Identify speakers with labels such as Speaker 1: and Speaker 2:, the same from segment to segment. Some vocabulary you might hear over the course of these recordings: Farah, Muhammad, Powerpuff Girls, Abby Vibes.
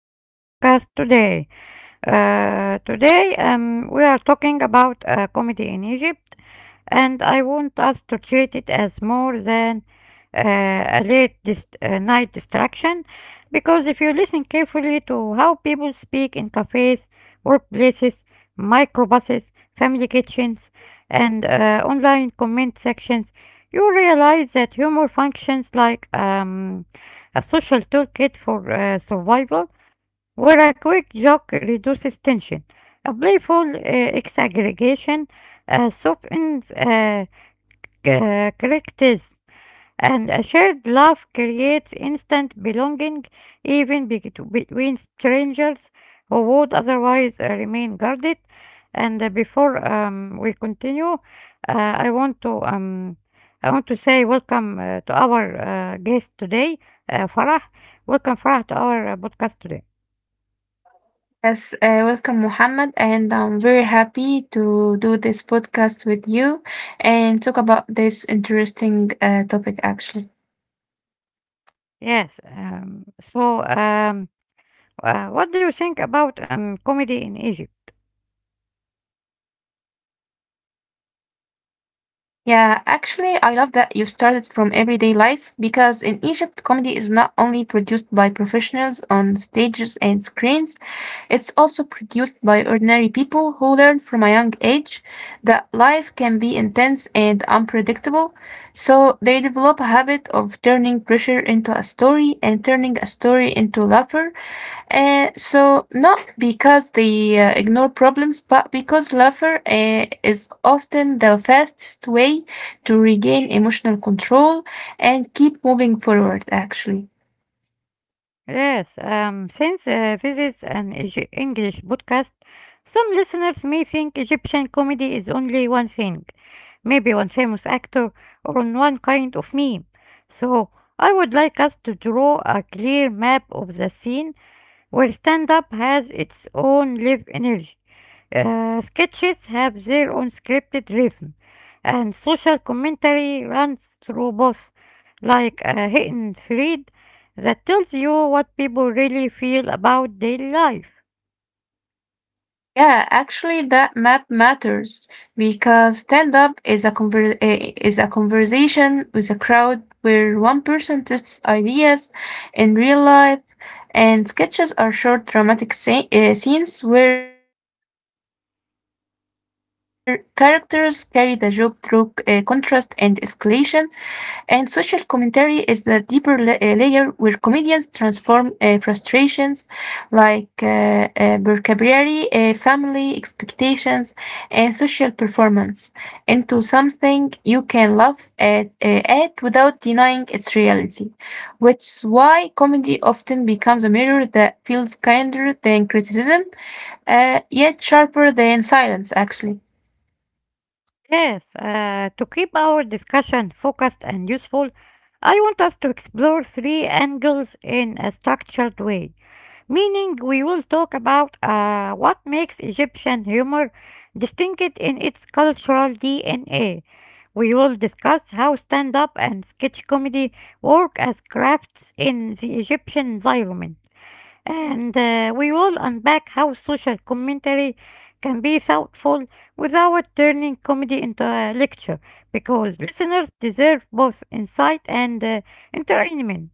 Speaker 1: to our podcast today. Today, we are talking about comedy in Egypt, and I want us to treat it as more than uh, a night distraction. Because if you listen carefully to how people speak in cafes, workplaces, microbuses, family kitchens, and online comment sections, you realize that humor functions like a social toolkit for survival, where a quick joke reduces tension, a playful exaggregation softens correctness, and a shared laugh creates instant belonging even between strangers who would otherwise remain guarded. And before we continue, I want to um, I want to say welcome to our guest today, Farah. Welcome, Farah, to our podcast today.
Speaker 2: Yes, welcome, Muhammad, and I'm very happy to do this podcast with you and talk about this interesting topic actually.
Speaker 1: Yes. What do you think about comedy in Egypt?
Speaker 2: Yeah, actually, I love that you started from everyday life because in Egypt, comedy is not only produced by professionals on stages and screens, it's also produced by ordinary people who learn from a young age that life can be intense and unpredictable. So they develop a habit of turning pressure into a story and turning a story into laughter. So not because they ignore problems, but because laughter is often the fastest way to regain emotional control and keep moving forward, actually.
Speaker 1: Yes, since this is an English podcast, some listeners may think Egyptian comedy is only one thing, maybe one famous actor or on one kind of meme. So, I would like us to draw a clear map of the scene where stand up has its own live energy. Sketches have their own scripted rhythm, and social commentary runs through both, like a hidden thread that tells you what people really feel about daily life.
Speaker 2: Yeah, actually, that map matters because stand up is a is a conversation with a crowd where one person tests ideas in real life, and sketches are short dramatic scenes where characters carry the joke through contrast and escalation. And social commentary is the deeper layer where comedians transform frustrations like vocabulary, family expectations, and social performance into something you can laugh at, without denying its reality, which is why comedy often becomes a mirror that feels kinder than criticism, yet sharper than silence, actually.
Speaker 1: Yes, to keep our discussion focused and useful, I want us to explore three angles in a structured way, meaning we will talk about what makes Egyptian humor distinct in its cultural DNA. We will discuss how stand up and sketch comedy work as crafts in the Egyptian environment. And we will unpack how social commentary can be thoughtful without turning comedy into a lecture, because listeners deserve both insight and entertainment.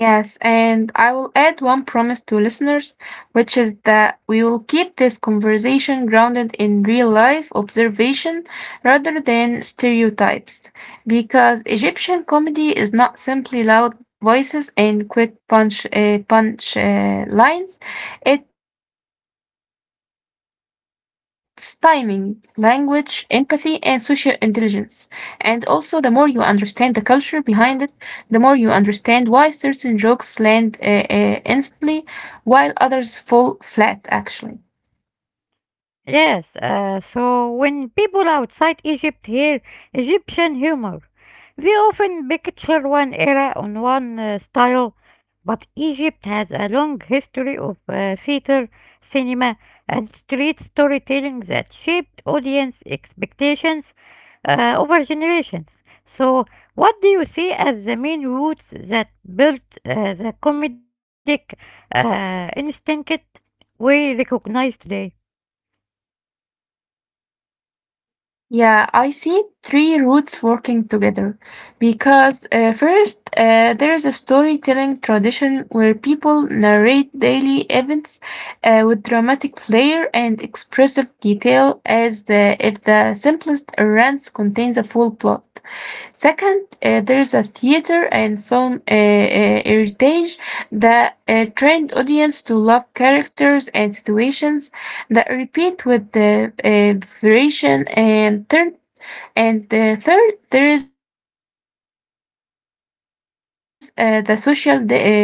Speaker 2: Yes, and I will add one promise to listeners, which is that we will keep this conversation grounded in real life observation rather than stereotypes, because Egyptian comedy is not simply loud voices and quick punch punch lines. It's timing, language, empathy, and social intelligence. And also, the more you understand the culture behind it the more you understand why certain jokes land instantly while others fall flat, actually.
Speaker 1: Yes, so when people outside Egypt hear Egyptian humor, they often picture one era on one style, but Egypt has a long history of theater, cinema, and street storytelling that shaped audience expectations over generations. So, what do you see as the main roots that built the comedic instinct we recognize today?
Speaker 2: Yeah, I see three roots working together. Because first, there is a storytelling tradition where people narrate daily events with dramatic flair and expressive detail, as the, if the simplest rant contains a full plot. Second, there's a theater and film heritage that trained audience to love characters and situations that repeat with the variation. And third, there is the social density of Egyptian life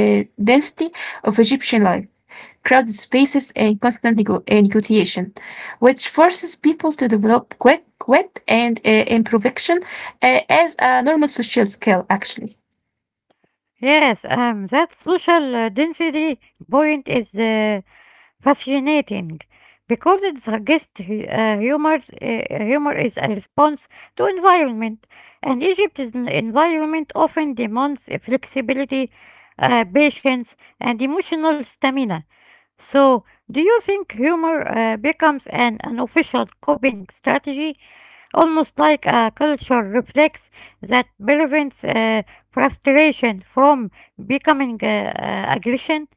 Speaker 2: crowded spaces, and constant negotiation, which forces people to develop quick, wit, and improvisation as a normal social skill, actually.
Speaker 1: Yes, that social density point is fascinating, because it suggests humor is a response to environment, and Egypt's environment often demands flexibility, patience, and emotional stamina. So, do you think humor becomes an unofficial coping strategy, almost like a culture reflex, that prevents frustration from becoming aggression?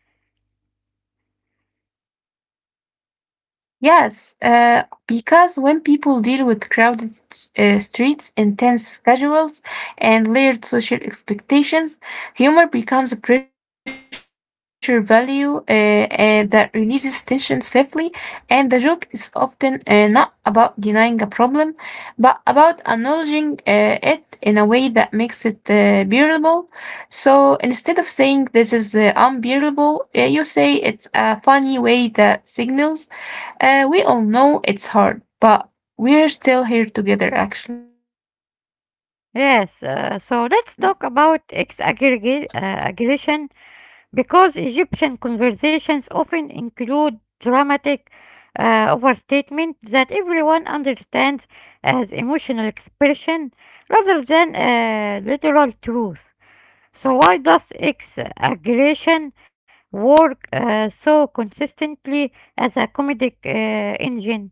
Speaker 2: Yes, because when people deal with crowded streets, intense schedules, and layered social expectations, humor becomes a pressure value that releases tension safely. And the joke is often not about denying a problem, but about acknowledging it in a way that makes it bearable. So instead of saying this is unbearable, you say it's a funny way that signals we all know it's hard, but we're still here together, actually.
Speaker 1: Yes, so let's talk about ex-aggregation aggression, because Egyptian conversations often include dramatic overstatement that everyone understands as emotional expression rather than literal truth. So why does X aggression work so consistently as a comedic engine?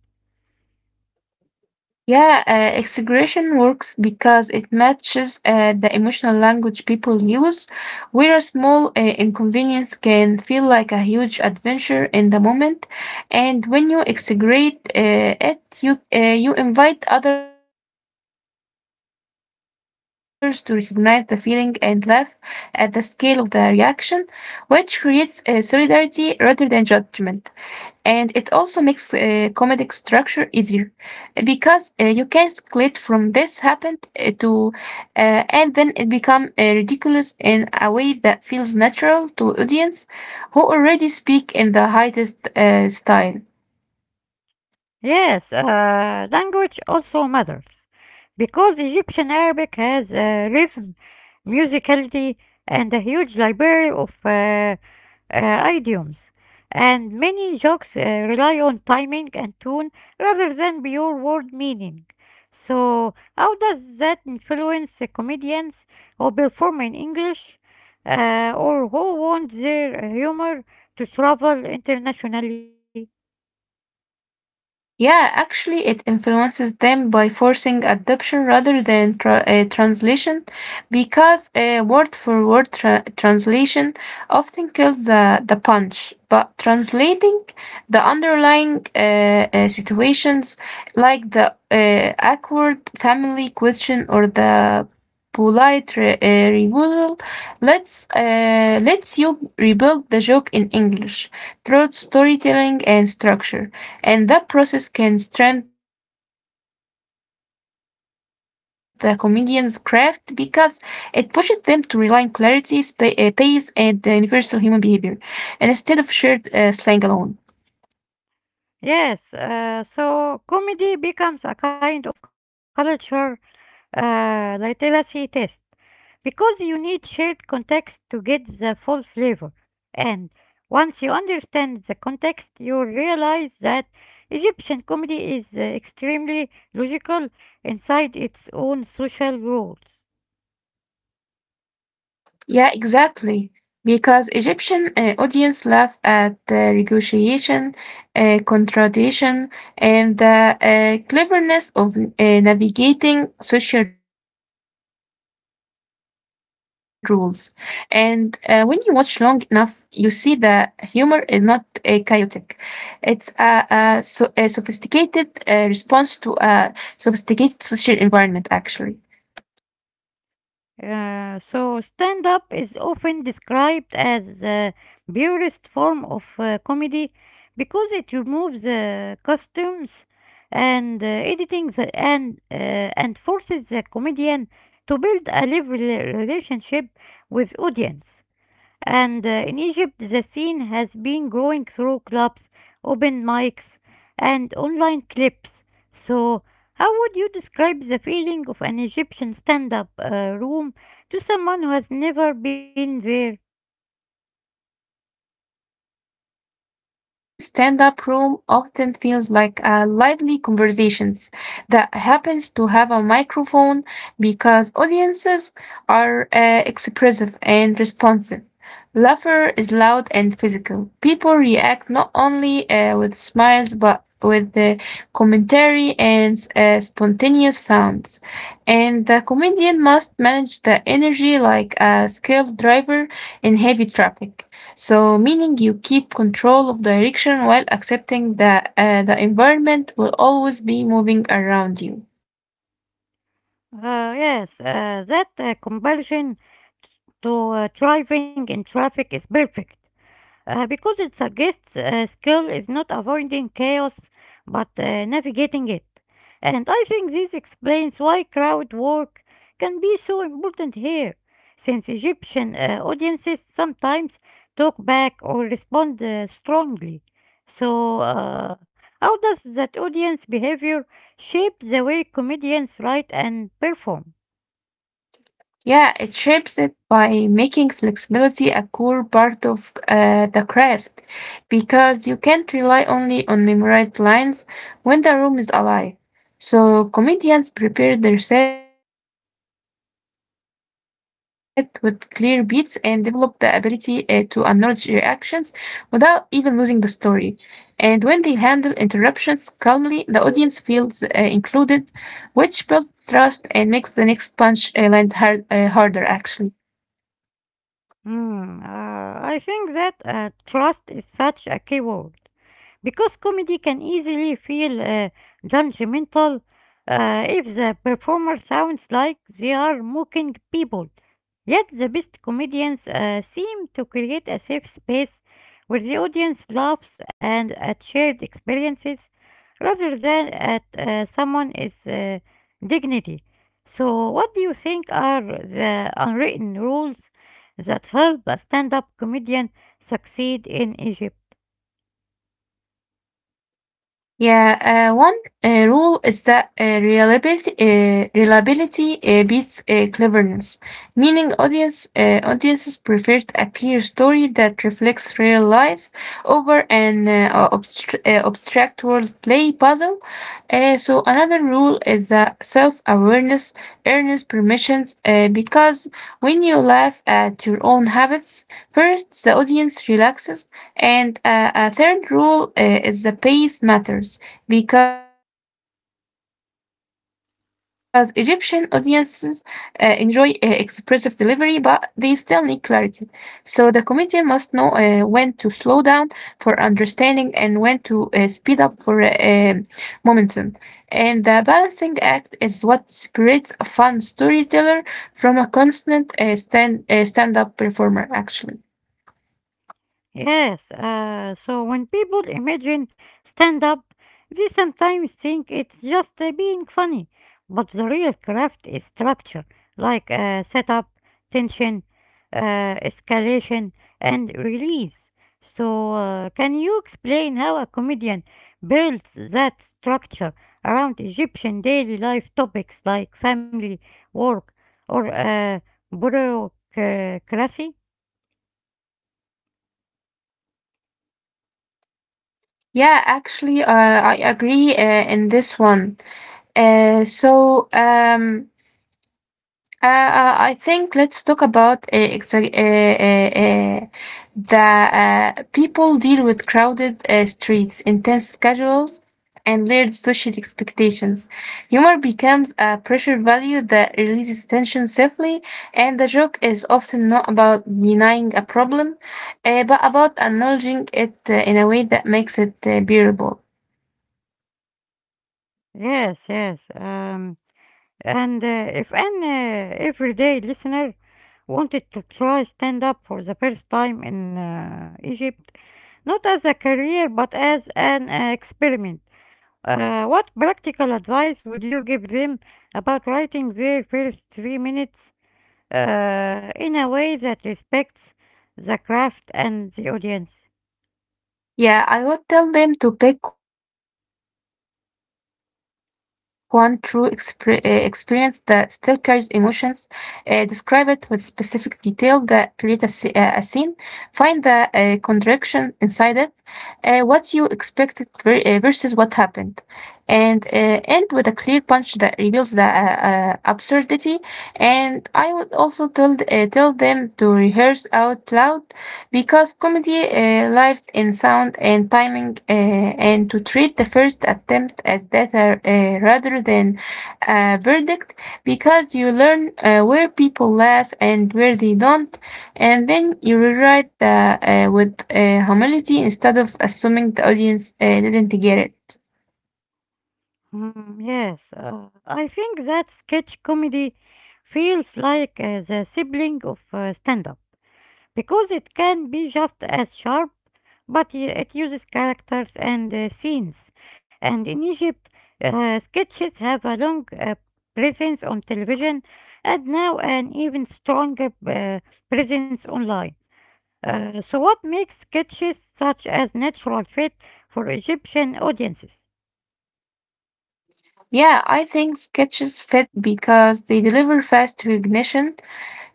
Speaker 2: Yeah, exaggeration works because it matches the emotional language people use, where a small inconvenience can feel like a huge adventure in the moment. And when you exaggerate it, you invite others to recognize the feeling and laugh at the scale of the reaction, which creates solidarity rather than judgment. And it also makes comedic structure easier because you can escalate from this happened to and then it become ridiculous in a way that feels natural to audience who already speak in the highest style.
Speaker 1: Yes, language also matters because Egyptian Arabic has rhythm, musicality, and a huge library of idioms. And many jokes rely on timing and tone rather than pure word meaning. So, how does that influence the comedians who perform in English or who want their humor to travel internationally?
Speaker 2: Yeah, actually, it influences them by forcing adoption rather than translation, because a word for word translation often kills the punch. But translating the underlying situations, like the awkward family question or the polite rebuttal, lets you rebuild the joke in English through storytelling and structure and that process can strengthen the comedian's craft because it pushes them to rely on clarity, pace, and universal human behavior instead of shared slang alone.
Speaker 1: Yes, so comedy becomes a kind of culture literacy test, because you need shared context to get the full flavor. And once you understand the context, you realize that Egyptian comedy is extremely logical inside its own social rules.
Speaker 2: Yeah, exactly. Because Egyptian audience laugh at negotiation, contradiction, and the cleverness of navigating social rules. And when you watch long enough, you see the humor is not chaotic. It's a sophisticated response to a sophisticated social environment, actually.
Speaker 1: So stand up is often described as the purest form of comedy because it removes costumes and and forces the comedian to build a lively relationship with audience. And in Egypt, the scene has been growing through clubs, open mics, and online clips. So, how would you describe the feeling of an Egyptian stand up room to someone who has never been there?
Speaker 2: Yeah, an Egyptian stand-up room often feels like a lively conversations that happens to have a microphone because audiences are expressive and responsive. Laughter is loud and physical. People react not only with smiles but with the commentary and spontaneous sounds. And the comedian must manage the energy like a skilled driver in heavy traffic. So, meaning you keep control of direction while accepting that the environment will always be moving around you.
Speaker 1: Yes, that conversion t- to driving in traffic is perfect, because it suggests skill is not avoiding chaos but navigating it. And I think this explains why crowd work can be so important here, since Egyptian audiences sometimes talk back or respond strongly. So, how does that audience behavior shape the way comedians write and perform?
Speaker 2: Yeah, it shapes it by making flexibility a core part of the craft because you can't rely only on memorized lines when the room is alive. So, comedians prepare their set with clear beats and develop the ability to acknowledge reactions without even losing the story. And when they handle interruptions calmly, the audience feels included which builds trust and makes the next punch land harder actually.
Speaker 1: Hmm, I think that trust is such a key word, because comedy can easily feel judgmental if the performer sounds like they are mocking people. Yet the best comedians seem to create a safe space where the audience laughs and at shared experiences rather than at someone uh, dignity. So, what do you think are the unwritten rules that help a stand up comedian succeed in Egypt?
Speaker 2: Yeah, one rule is that reliability beats cleverness, meaning audiences prefer a clear story that reflects real life over an abstract world play puzzle. So another rule is that self-awareness earns permissions because when you laugh at your own habits, first the audience relaxes and a third rule is the pace matters because Egyptian audiences enjoy expressive delivery, but they still need clarity. So the comedian must know when to slow down for understanding and when to speed up for momentum. And the balancing act is what separates a fun storyteller from a constant stand-up performer, actually.
Speaker 1: Yes, so when people imagine stand up, they sometimes think it's just being funny. But the real craft is structure, like setup, tension, uh, escalation, and release. So, can you explain how a comedian builds that structure around Egyptian daily life topics like family, work, or bureaucracy?
Speaker 2: Yeah, actually, I agree in this one. Uh, so, um, I think let's talk about exa- the people deal with crowded streets, intense schedules, and layered social expectations. Humor becomes a pressure value that releases tension safely, and the joke is often not about denying a problem, but about acknowledging it in a way that makes it bearable.
Speaker 1: Yes, yes. And if an everyday listener wanted to try stand up for the first time in Egypt, not as a career but as an experiment, what practical advice would you give them about writing their first 3 minutes in a way that respects the craft and the audience?
Speaker 2: Yeah, I would tell them to pick one true experience that still carries emotions, describe it with specific detail that create a scene, find the contradiction inside it, what you expected versus what happened, and end with a clear punch that reveals the absurdity. And I would also tell them to rehearse out loud because comedy lives in sound and timing, and to treat the first attempt as data rather than a verdict, because you learn where people laugh and where they don't, and then you rewrite with humility instead of assuming the audience didn't get it.
Speaker 1: Mm, yes, I think that sketch comedy feels like the sibling of stand up, because it can be just as sharp, but it uses characters and scenes. And in Egypt, sketches have a long presence on television and now an even stronger presence online. So, what makes sketches such as natural fit for Egyptian audiences?
Speaker 2: Yeah, I think sketches fit because they deliver fast recognition.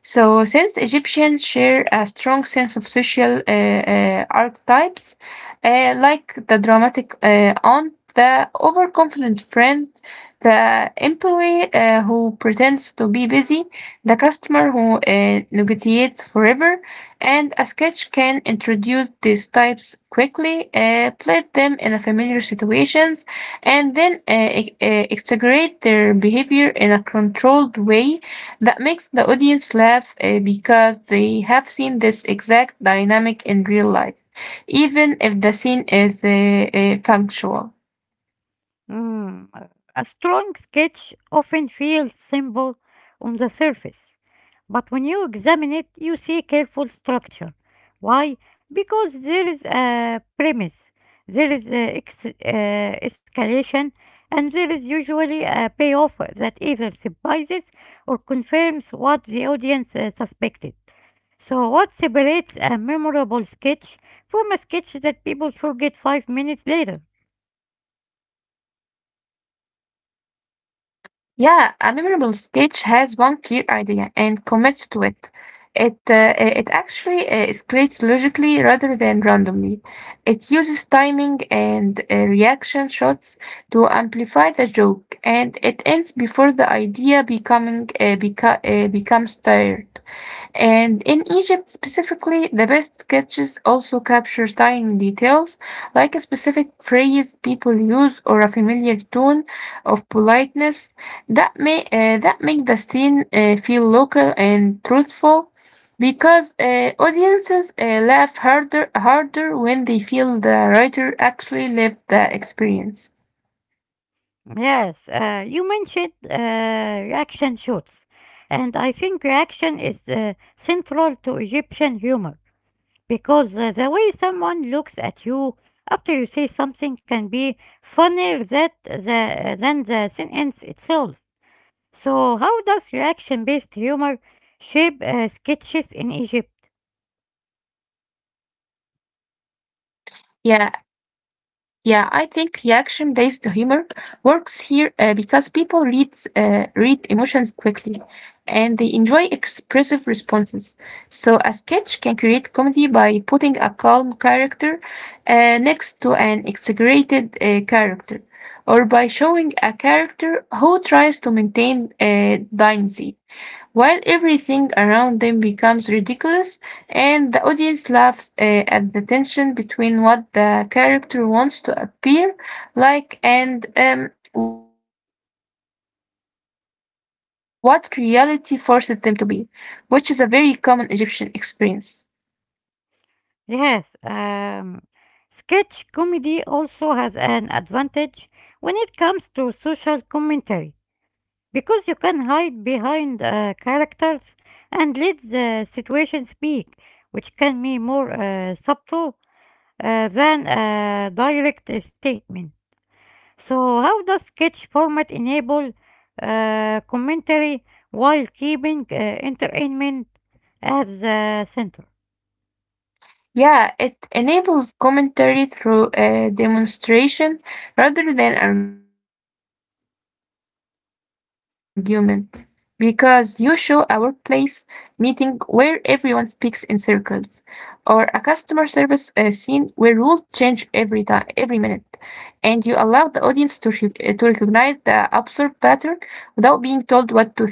Speaker 2: So, since Egyptians share a strong sense of social archetypes, like the dramatic aunt, the overconfident friend, the employee who pretends to be busy, the customer who negotiates forever, and a sketch can introduce these types quickly, plate them in a familiar situations, and then exaggerate their behavior in a controlled way that makes the audience laugh because they have seen this exact dynamic in real life, even if the scene is punctual.
Speaker 1: Mm, a strong sketch often feels simple on the surface, but when you examine it, you see careful structure. Why? Because there is a premise, there is a escalation, and there is usually a payoff that either surprises or confirms what the audience suspected. So, what separates a memorable sketch from a sketch that people forget 5 minutes later?
Speaker 2: Yeah, a memorable sketch has one clear idea and commits to it. It uh, uh, it actually escalates logically rather than randomly. It uses timing and reaction shots to amplify the joke, and it ends before the idea becomes tired. And in Egypt specifically, the best sketches also capture tiny details like a specific phrase people use or a familiar tone of politeness that may that make the scene feel local and truthful because audiences laugh harder when they feel the writer actually lived the experience.
Speaker 1: Yes, you mentioned reaction shoots, and I think reaction is central to Egyptian humor, because the way someone looks at you after you say something can be funnier that than the sentence itself. So, how does reaction-based humor shape sketches in Egypt?
Speaker 2: Yeah, Yeah, I think reaction-based humor works here because people read emotions quickly and they enjoy expressive responses. So a sketch can create comedy by putting a calm character next to an exaggerated character, or by showing a character who tries to maintain dynasty while everything around them becomes ridiculous and the audience laughs at the tension between what the character wants to appear like and what reality forces them to be, which is a very common Egyptian experience.
Speaker 1: Yes, sketch comedy also has an advantage when it comes to social commentary, because you can hide behind characters and let the situation speak, which can be more subtle than a direct statement. So, how does sketch format enable commentary while keeping entertainment at the center?
Speaker 2: Yeah, it enables commentary through a demonstration rather than argument because you show a workplace meeting where everyone speaks in circles or a customer service scene where rules change every time every minute and you allow the audience to recognize the absurd pattern without being told what to think.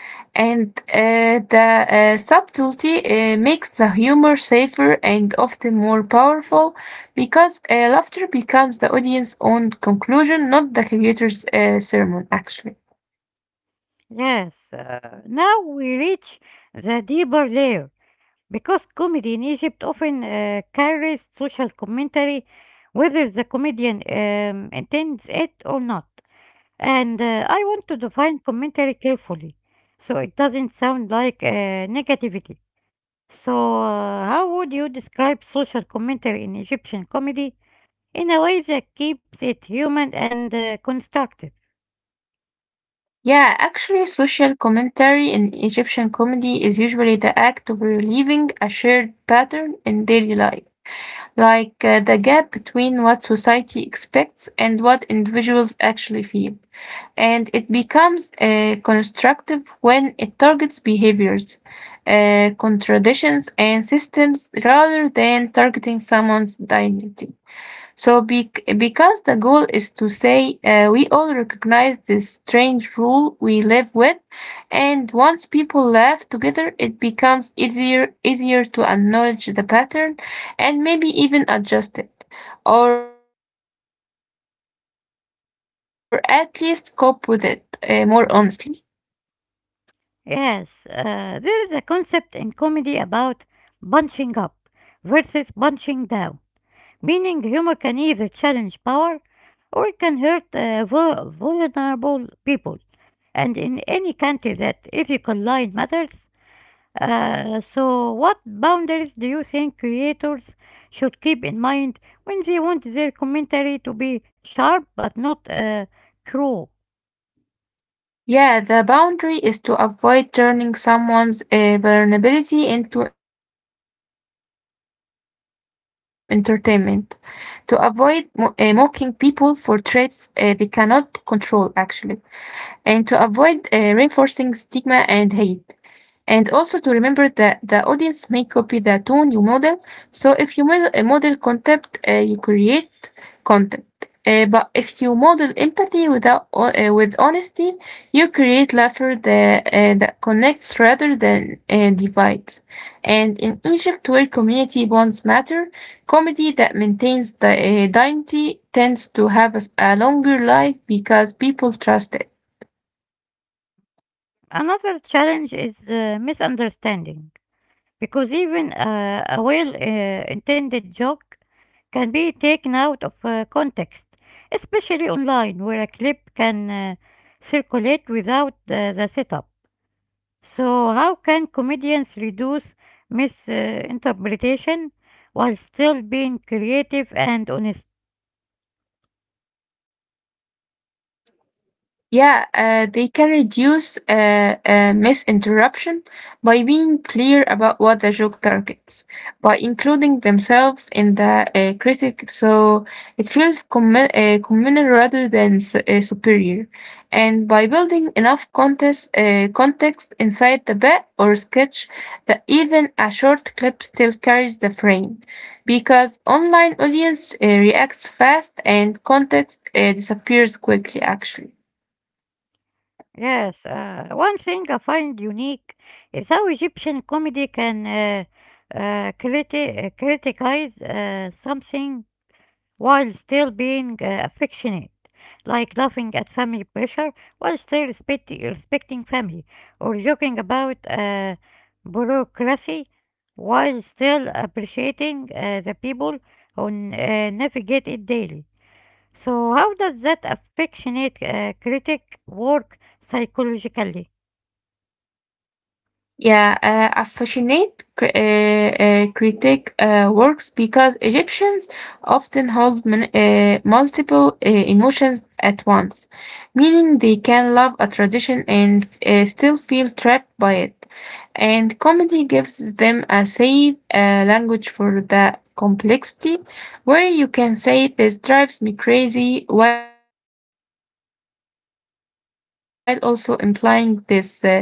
Speaker 2: And the subtlety makes the humor safer and often more powerful because laughter becomes the audience's own conclusion, not the creator's sermon, actually.
Speaker 1: Yes, now we reach the deeper layer, because comedy in Egypt often carries social commentary, whether the comedian intends it or not. And I want to define commentary carefully so it doesn't sound like negativity. So, how would you describe social commentary in Egyptian comedy in a way that keeps it human and constructive?
Speaker 2: Yeah, actually, social commentary in Egyptian comedy is usually the act of relieving a shared pattern in daily life, like the gap between what society expects and what individuals actually feel. And it becomes constructive when it targets behaviors, contradictions, and systems rather than targeting someone's dignity. So, because the goal is to say we all recognize this strange rule we live with, and once people laugh together, it becomes easier to acknowledge the pattern and maybe even adjust it, or at least cope with it more honestly.
Speaker 1: Yes, there is a concept in comedy about bunching up versus bunching down, meaning humor can either challenge power or it can hurt vulnerable people. And in any country that ethical line matters, so what boundaries do you think creators should keep in mind when they want their commentary to be sharp but not cruel?
Speaker 2: Yeah, the boundary is to avoid turning someone's vulnerability into entertainment, to avoid mocking people for traits they cannot control, actually, and to avoid reinforcing stigma and hate. And also to remember that the audience may copy the tone you model. So if you model a model concept, you create content. But if you model empathy without with honesty, you create laughter that connects rather than divides. And in Egypt, where community bonds matter, comedy that maintains the dignity tends to have a longer life because people trust it.
Speaker 1: Another challenge is misunderstanding. Because even a well intended joke can be taken out of context, especially online, where a clip can circulate without the setup. So, how can comedians reduce misinterpretation while still being creative and honest?
Speaker 2: Yeah, they can reduce misinterruption by being clear about what the joke targets, by including themselves in the critic, so it feels communal rather than superior, and by building enough context inside the bit or sketch that even a short clip still carries the frame, because online audience reacts fast and context disappears quickly, actually.
Speaker 1: Yes, one thing I find unique is how Egyptian comedy can criticize something while still being affectionate, like laughing at family pressure while still respecting family, or joking about bureaucracy while still appreciating the people who navigate it daily. So, how does that affectionate critic work psychologically?
Speaker 2: Yeah, critique works because Egyptians often hold multiple emotions at once, meaning they can love a tradition and still feel trapped by it. And comedy gives them a safe language for the complexity, where you can say this drives me crazy while also implying this is still my world and my people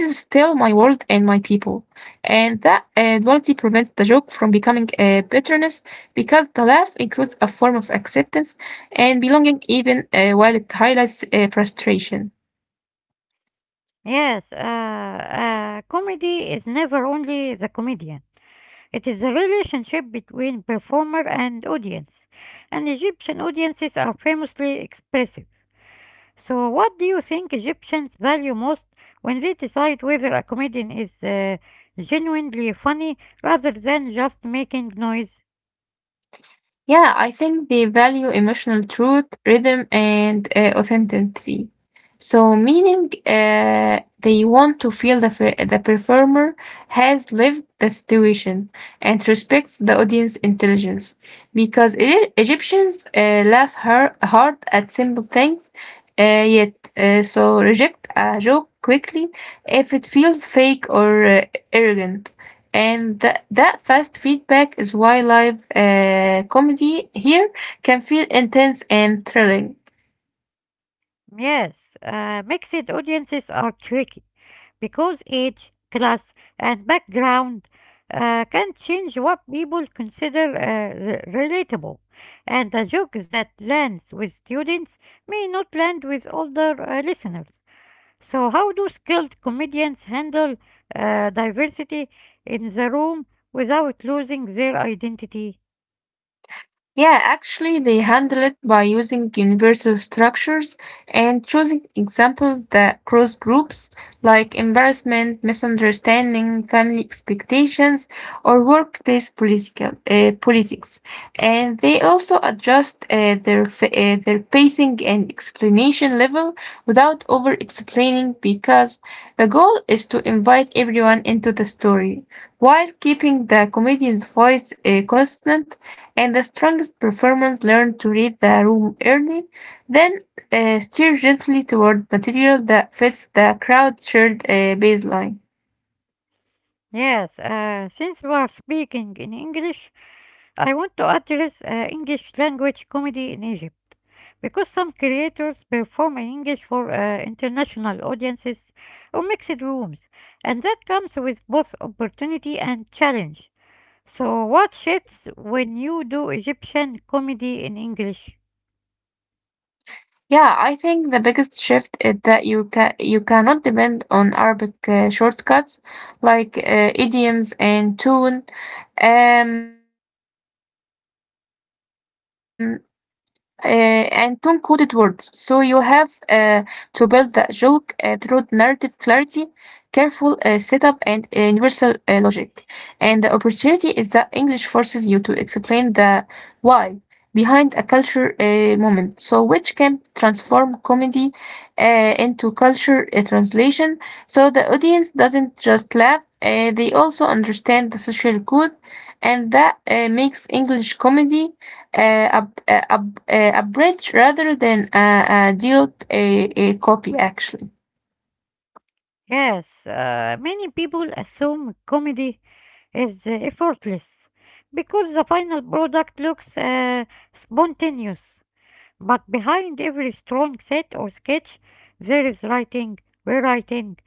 Speaker 2: and that duality prevents the joke from becoming a bitterness because the laugh includes a form of acceptance and belonging even while it highlights frustration.
Speaker 1: Yes, comedy is never only the comedian. It is the relationship between performer and audience, and Egyptian audiences are famously expressive. So, what do you think Egyptians value most when they decide whether a comedian is genuinely funny rather than just making noise?
Speaker 2: Yeah, I think they value emotional truth, rhythm, and authenticity. So, meaning they want to feel the performer has lived the situation and respects the audience intelligence. Because Egyptians laugh hard at simple things, yet so reject a joke quickly if it feels fake or arrogant. And that fast feedback is why live comedy here can feel intense and thrilling.
Speaker 1: Yes, mixed audiences are tricky, because age, class, and background can change what people consider relatable. And a joke that lands with students may not land with older listeners. So, how do skilled comedians handle diversity in the room without losing their identity?
Speaker 2: Yeah, actually, they handle it by using universal structures and choosing examples that cross groups like embarrassment, misunderstanding, family expectations, or workplace politics. And they also adjust their pacing and explanation level without over explaining because the goal is to invite everyone into the story while keeping the comedian's voice constant and the strongest performers learn to read the room early, then steer gently toward material that fits the crowd's shared baseline.
Speaker 1: Yes, since we are speaking in English, I want to address English language comedy in Egypt, because some creators perform in English for international audiences or mixed rooms, and that comes with both opportunity and challenge. So, what shifts when you do Egyptian comedy in English?
Speaker 2: Yeah, I think the biggest shift is that you cannot depend on Arabic shortcuts like idioms and tune. Um, and tone coded words. So you have to build that joke through narrative clarity, careful setup, and universal logic. And the opportunity is that English forces you to explain the why behind a culture moment, so which can transform comedy into culture translation. So the audience doesn't just laugh. They also understand the social code and that makes English comedy a bridge rather than a dull a copy, actually.
Speaker 1: Yes, many people assume comedy is effortless because the final product looks spontaneous. But behind every strong set or sketch, there is writing, rewriting,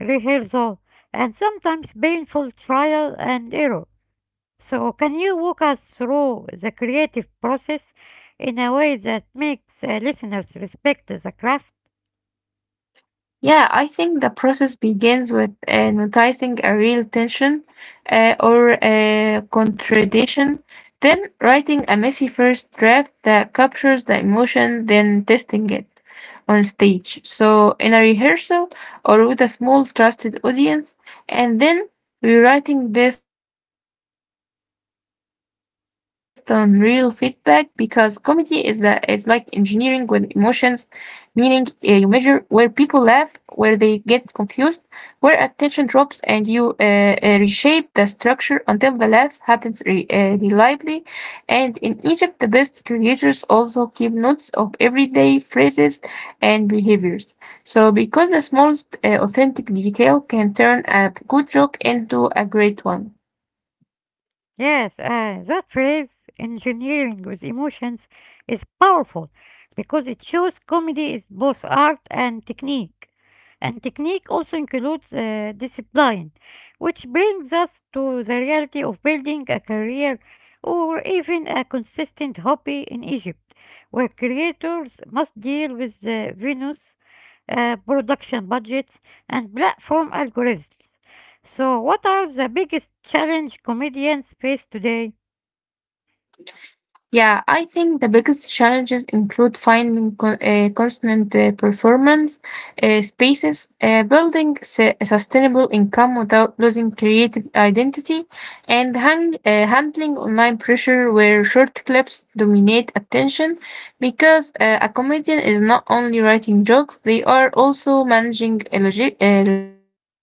Speaker 1: rehearsal, and sometimes painful trial and error. So, can you walk us through the creative process in a way that makes listeners respect the craft?
Speaker 2: Yeah, I think the process begins with noticing a real tension or a contradiction, then writing a messy first draft that captures the emotion, then testing it on stage. So, in a rehearsal or with a small trusted audience, and then rewriting based on real feedback because comedy is like engineering with emotions, meaning you measure where people laugh, where they get confused, where attention drops, and you reshape the structure until the laugh happens reliably. And in Egypt, the best creators also keep notes of everyday phrases and behaviors. Because the smallest authentic detail can turn a good joke into a great one.
Speaker 1: Yes, that phrase, engineering with emotions, is powerful because it shows comedy is both art and technique. And technique also includes discipline, which brings us to the reality of building a career or even a consistent hobby in Egypt, where creators must deal with Venus, production budgets, and platform algorithms. So, what are the biggest challenge comedians face today?
Speaker 2: Yeah, I think the biggest challenges include finding constant performance spaces, building a sustainable income without losing creative identity, and handling online pressure where short clips dominate attention. Because a comedian is not only writing jokes, they are also managing logistics,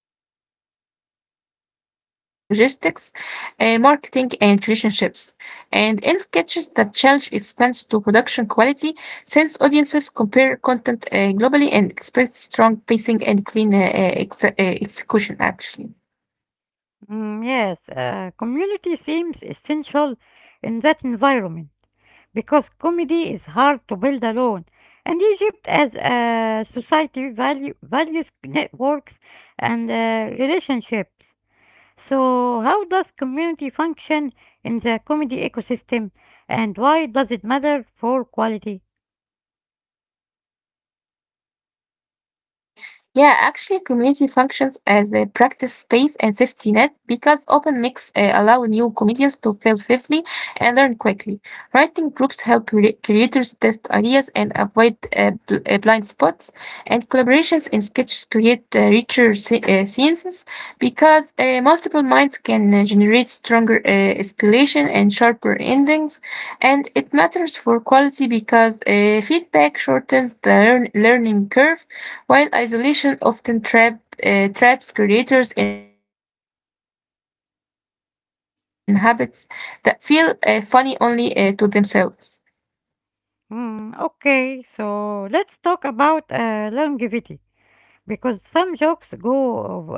Speaker 2: marketing, and relationships. And in sketches that challenge expands to production quality, since audiences compare content globally and expect strong pacing and clean execution, actually.
Speaker 1: Mm, yes, community seems essential in that environment because comedy is hard to build alone. And Egypt, as a society, values networks and relationships. So, how does community function in the comedy ecosystem, and why does it matter for quality?
Speaker 2: Yeah, actually, community functions as a practice space and safety net because open mix allow new comedians to fail safely and learn quickly. Writing groups help creators test ideas and avoid blind spots, and collaborations in sketches create richer scenes because multiple minds can generate stronger escalation and sharper endings. And it matters for quality because feedback shortens the learning curve, while isolation often traps creators in habits that feel funny only to themselves.
Speaker 1: Mm, okay, so let's talk about longevity, because some jokes go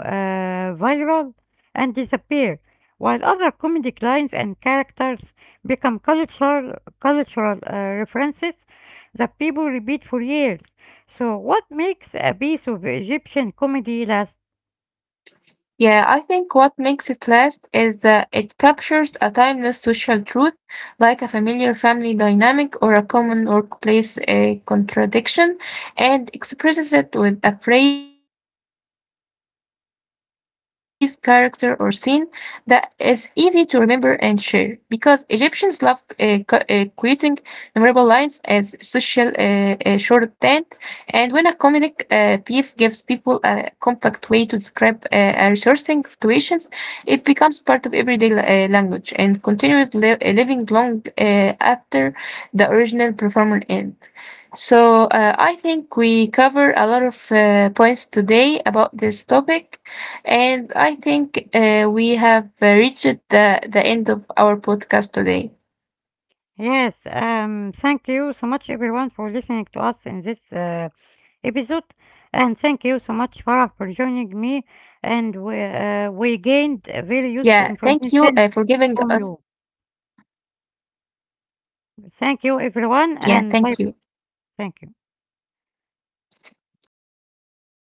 Speaker 1: viral and disappear, while other comedic lines and characters become cultural references that people repeat for years. So, what makes a piece of Egyptian comedy last?
Speaker 2: Yeah, I think what makes it last is that it captures a timeless social truth, like a familiar family dynamic or a common workplace contradiction, and expresses it with a phrase, character, or scene that is easy to remember and share. Because Egyptians love quoting memorable lines as social shorthand, and when a comedic piece gives people a compact way to describe a resourcing situations, it becomes part of everyday language and continues living long after the original performer end. So I think we cover a lot of points today about this topic, and I think we have reached the end of our podcast today.
Speaker 1: Yes, thank you so much, everyone, for listening to us in this episode. And thank you so much, Farah, for joining me.
Speaker 2: Yeah, thank
Speaker 1: And
Speaker 2: you for giving
Speaker 1: we
Speaker 2: us.
Speaker 1: gained very useful information from you.
Speaker 2: Yeah, thank
Speaker 1: Thank
Speaker 2: you.
Speaker 1: you, everyone, and bye. Thank you.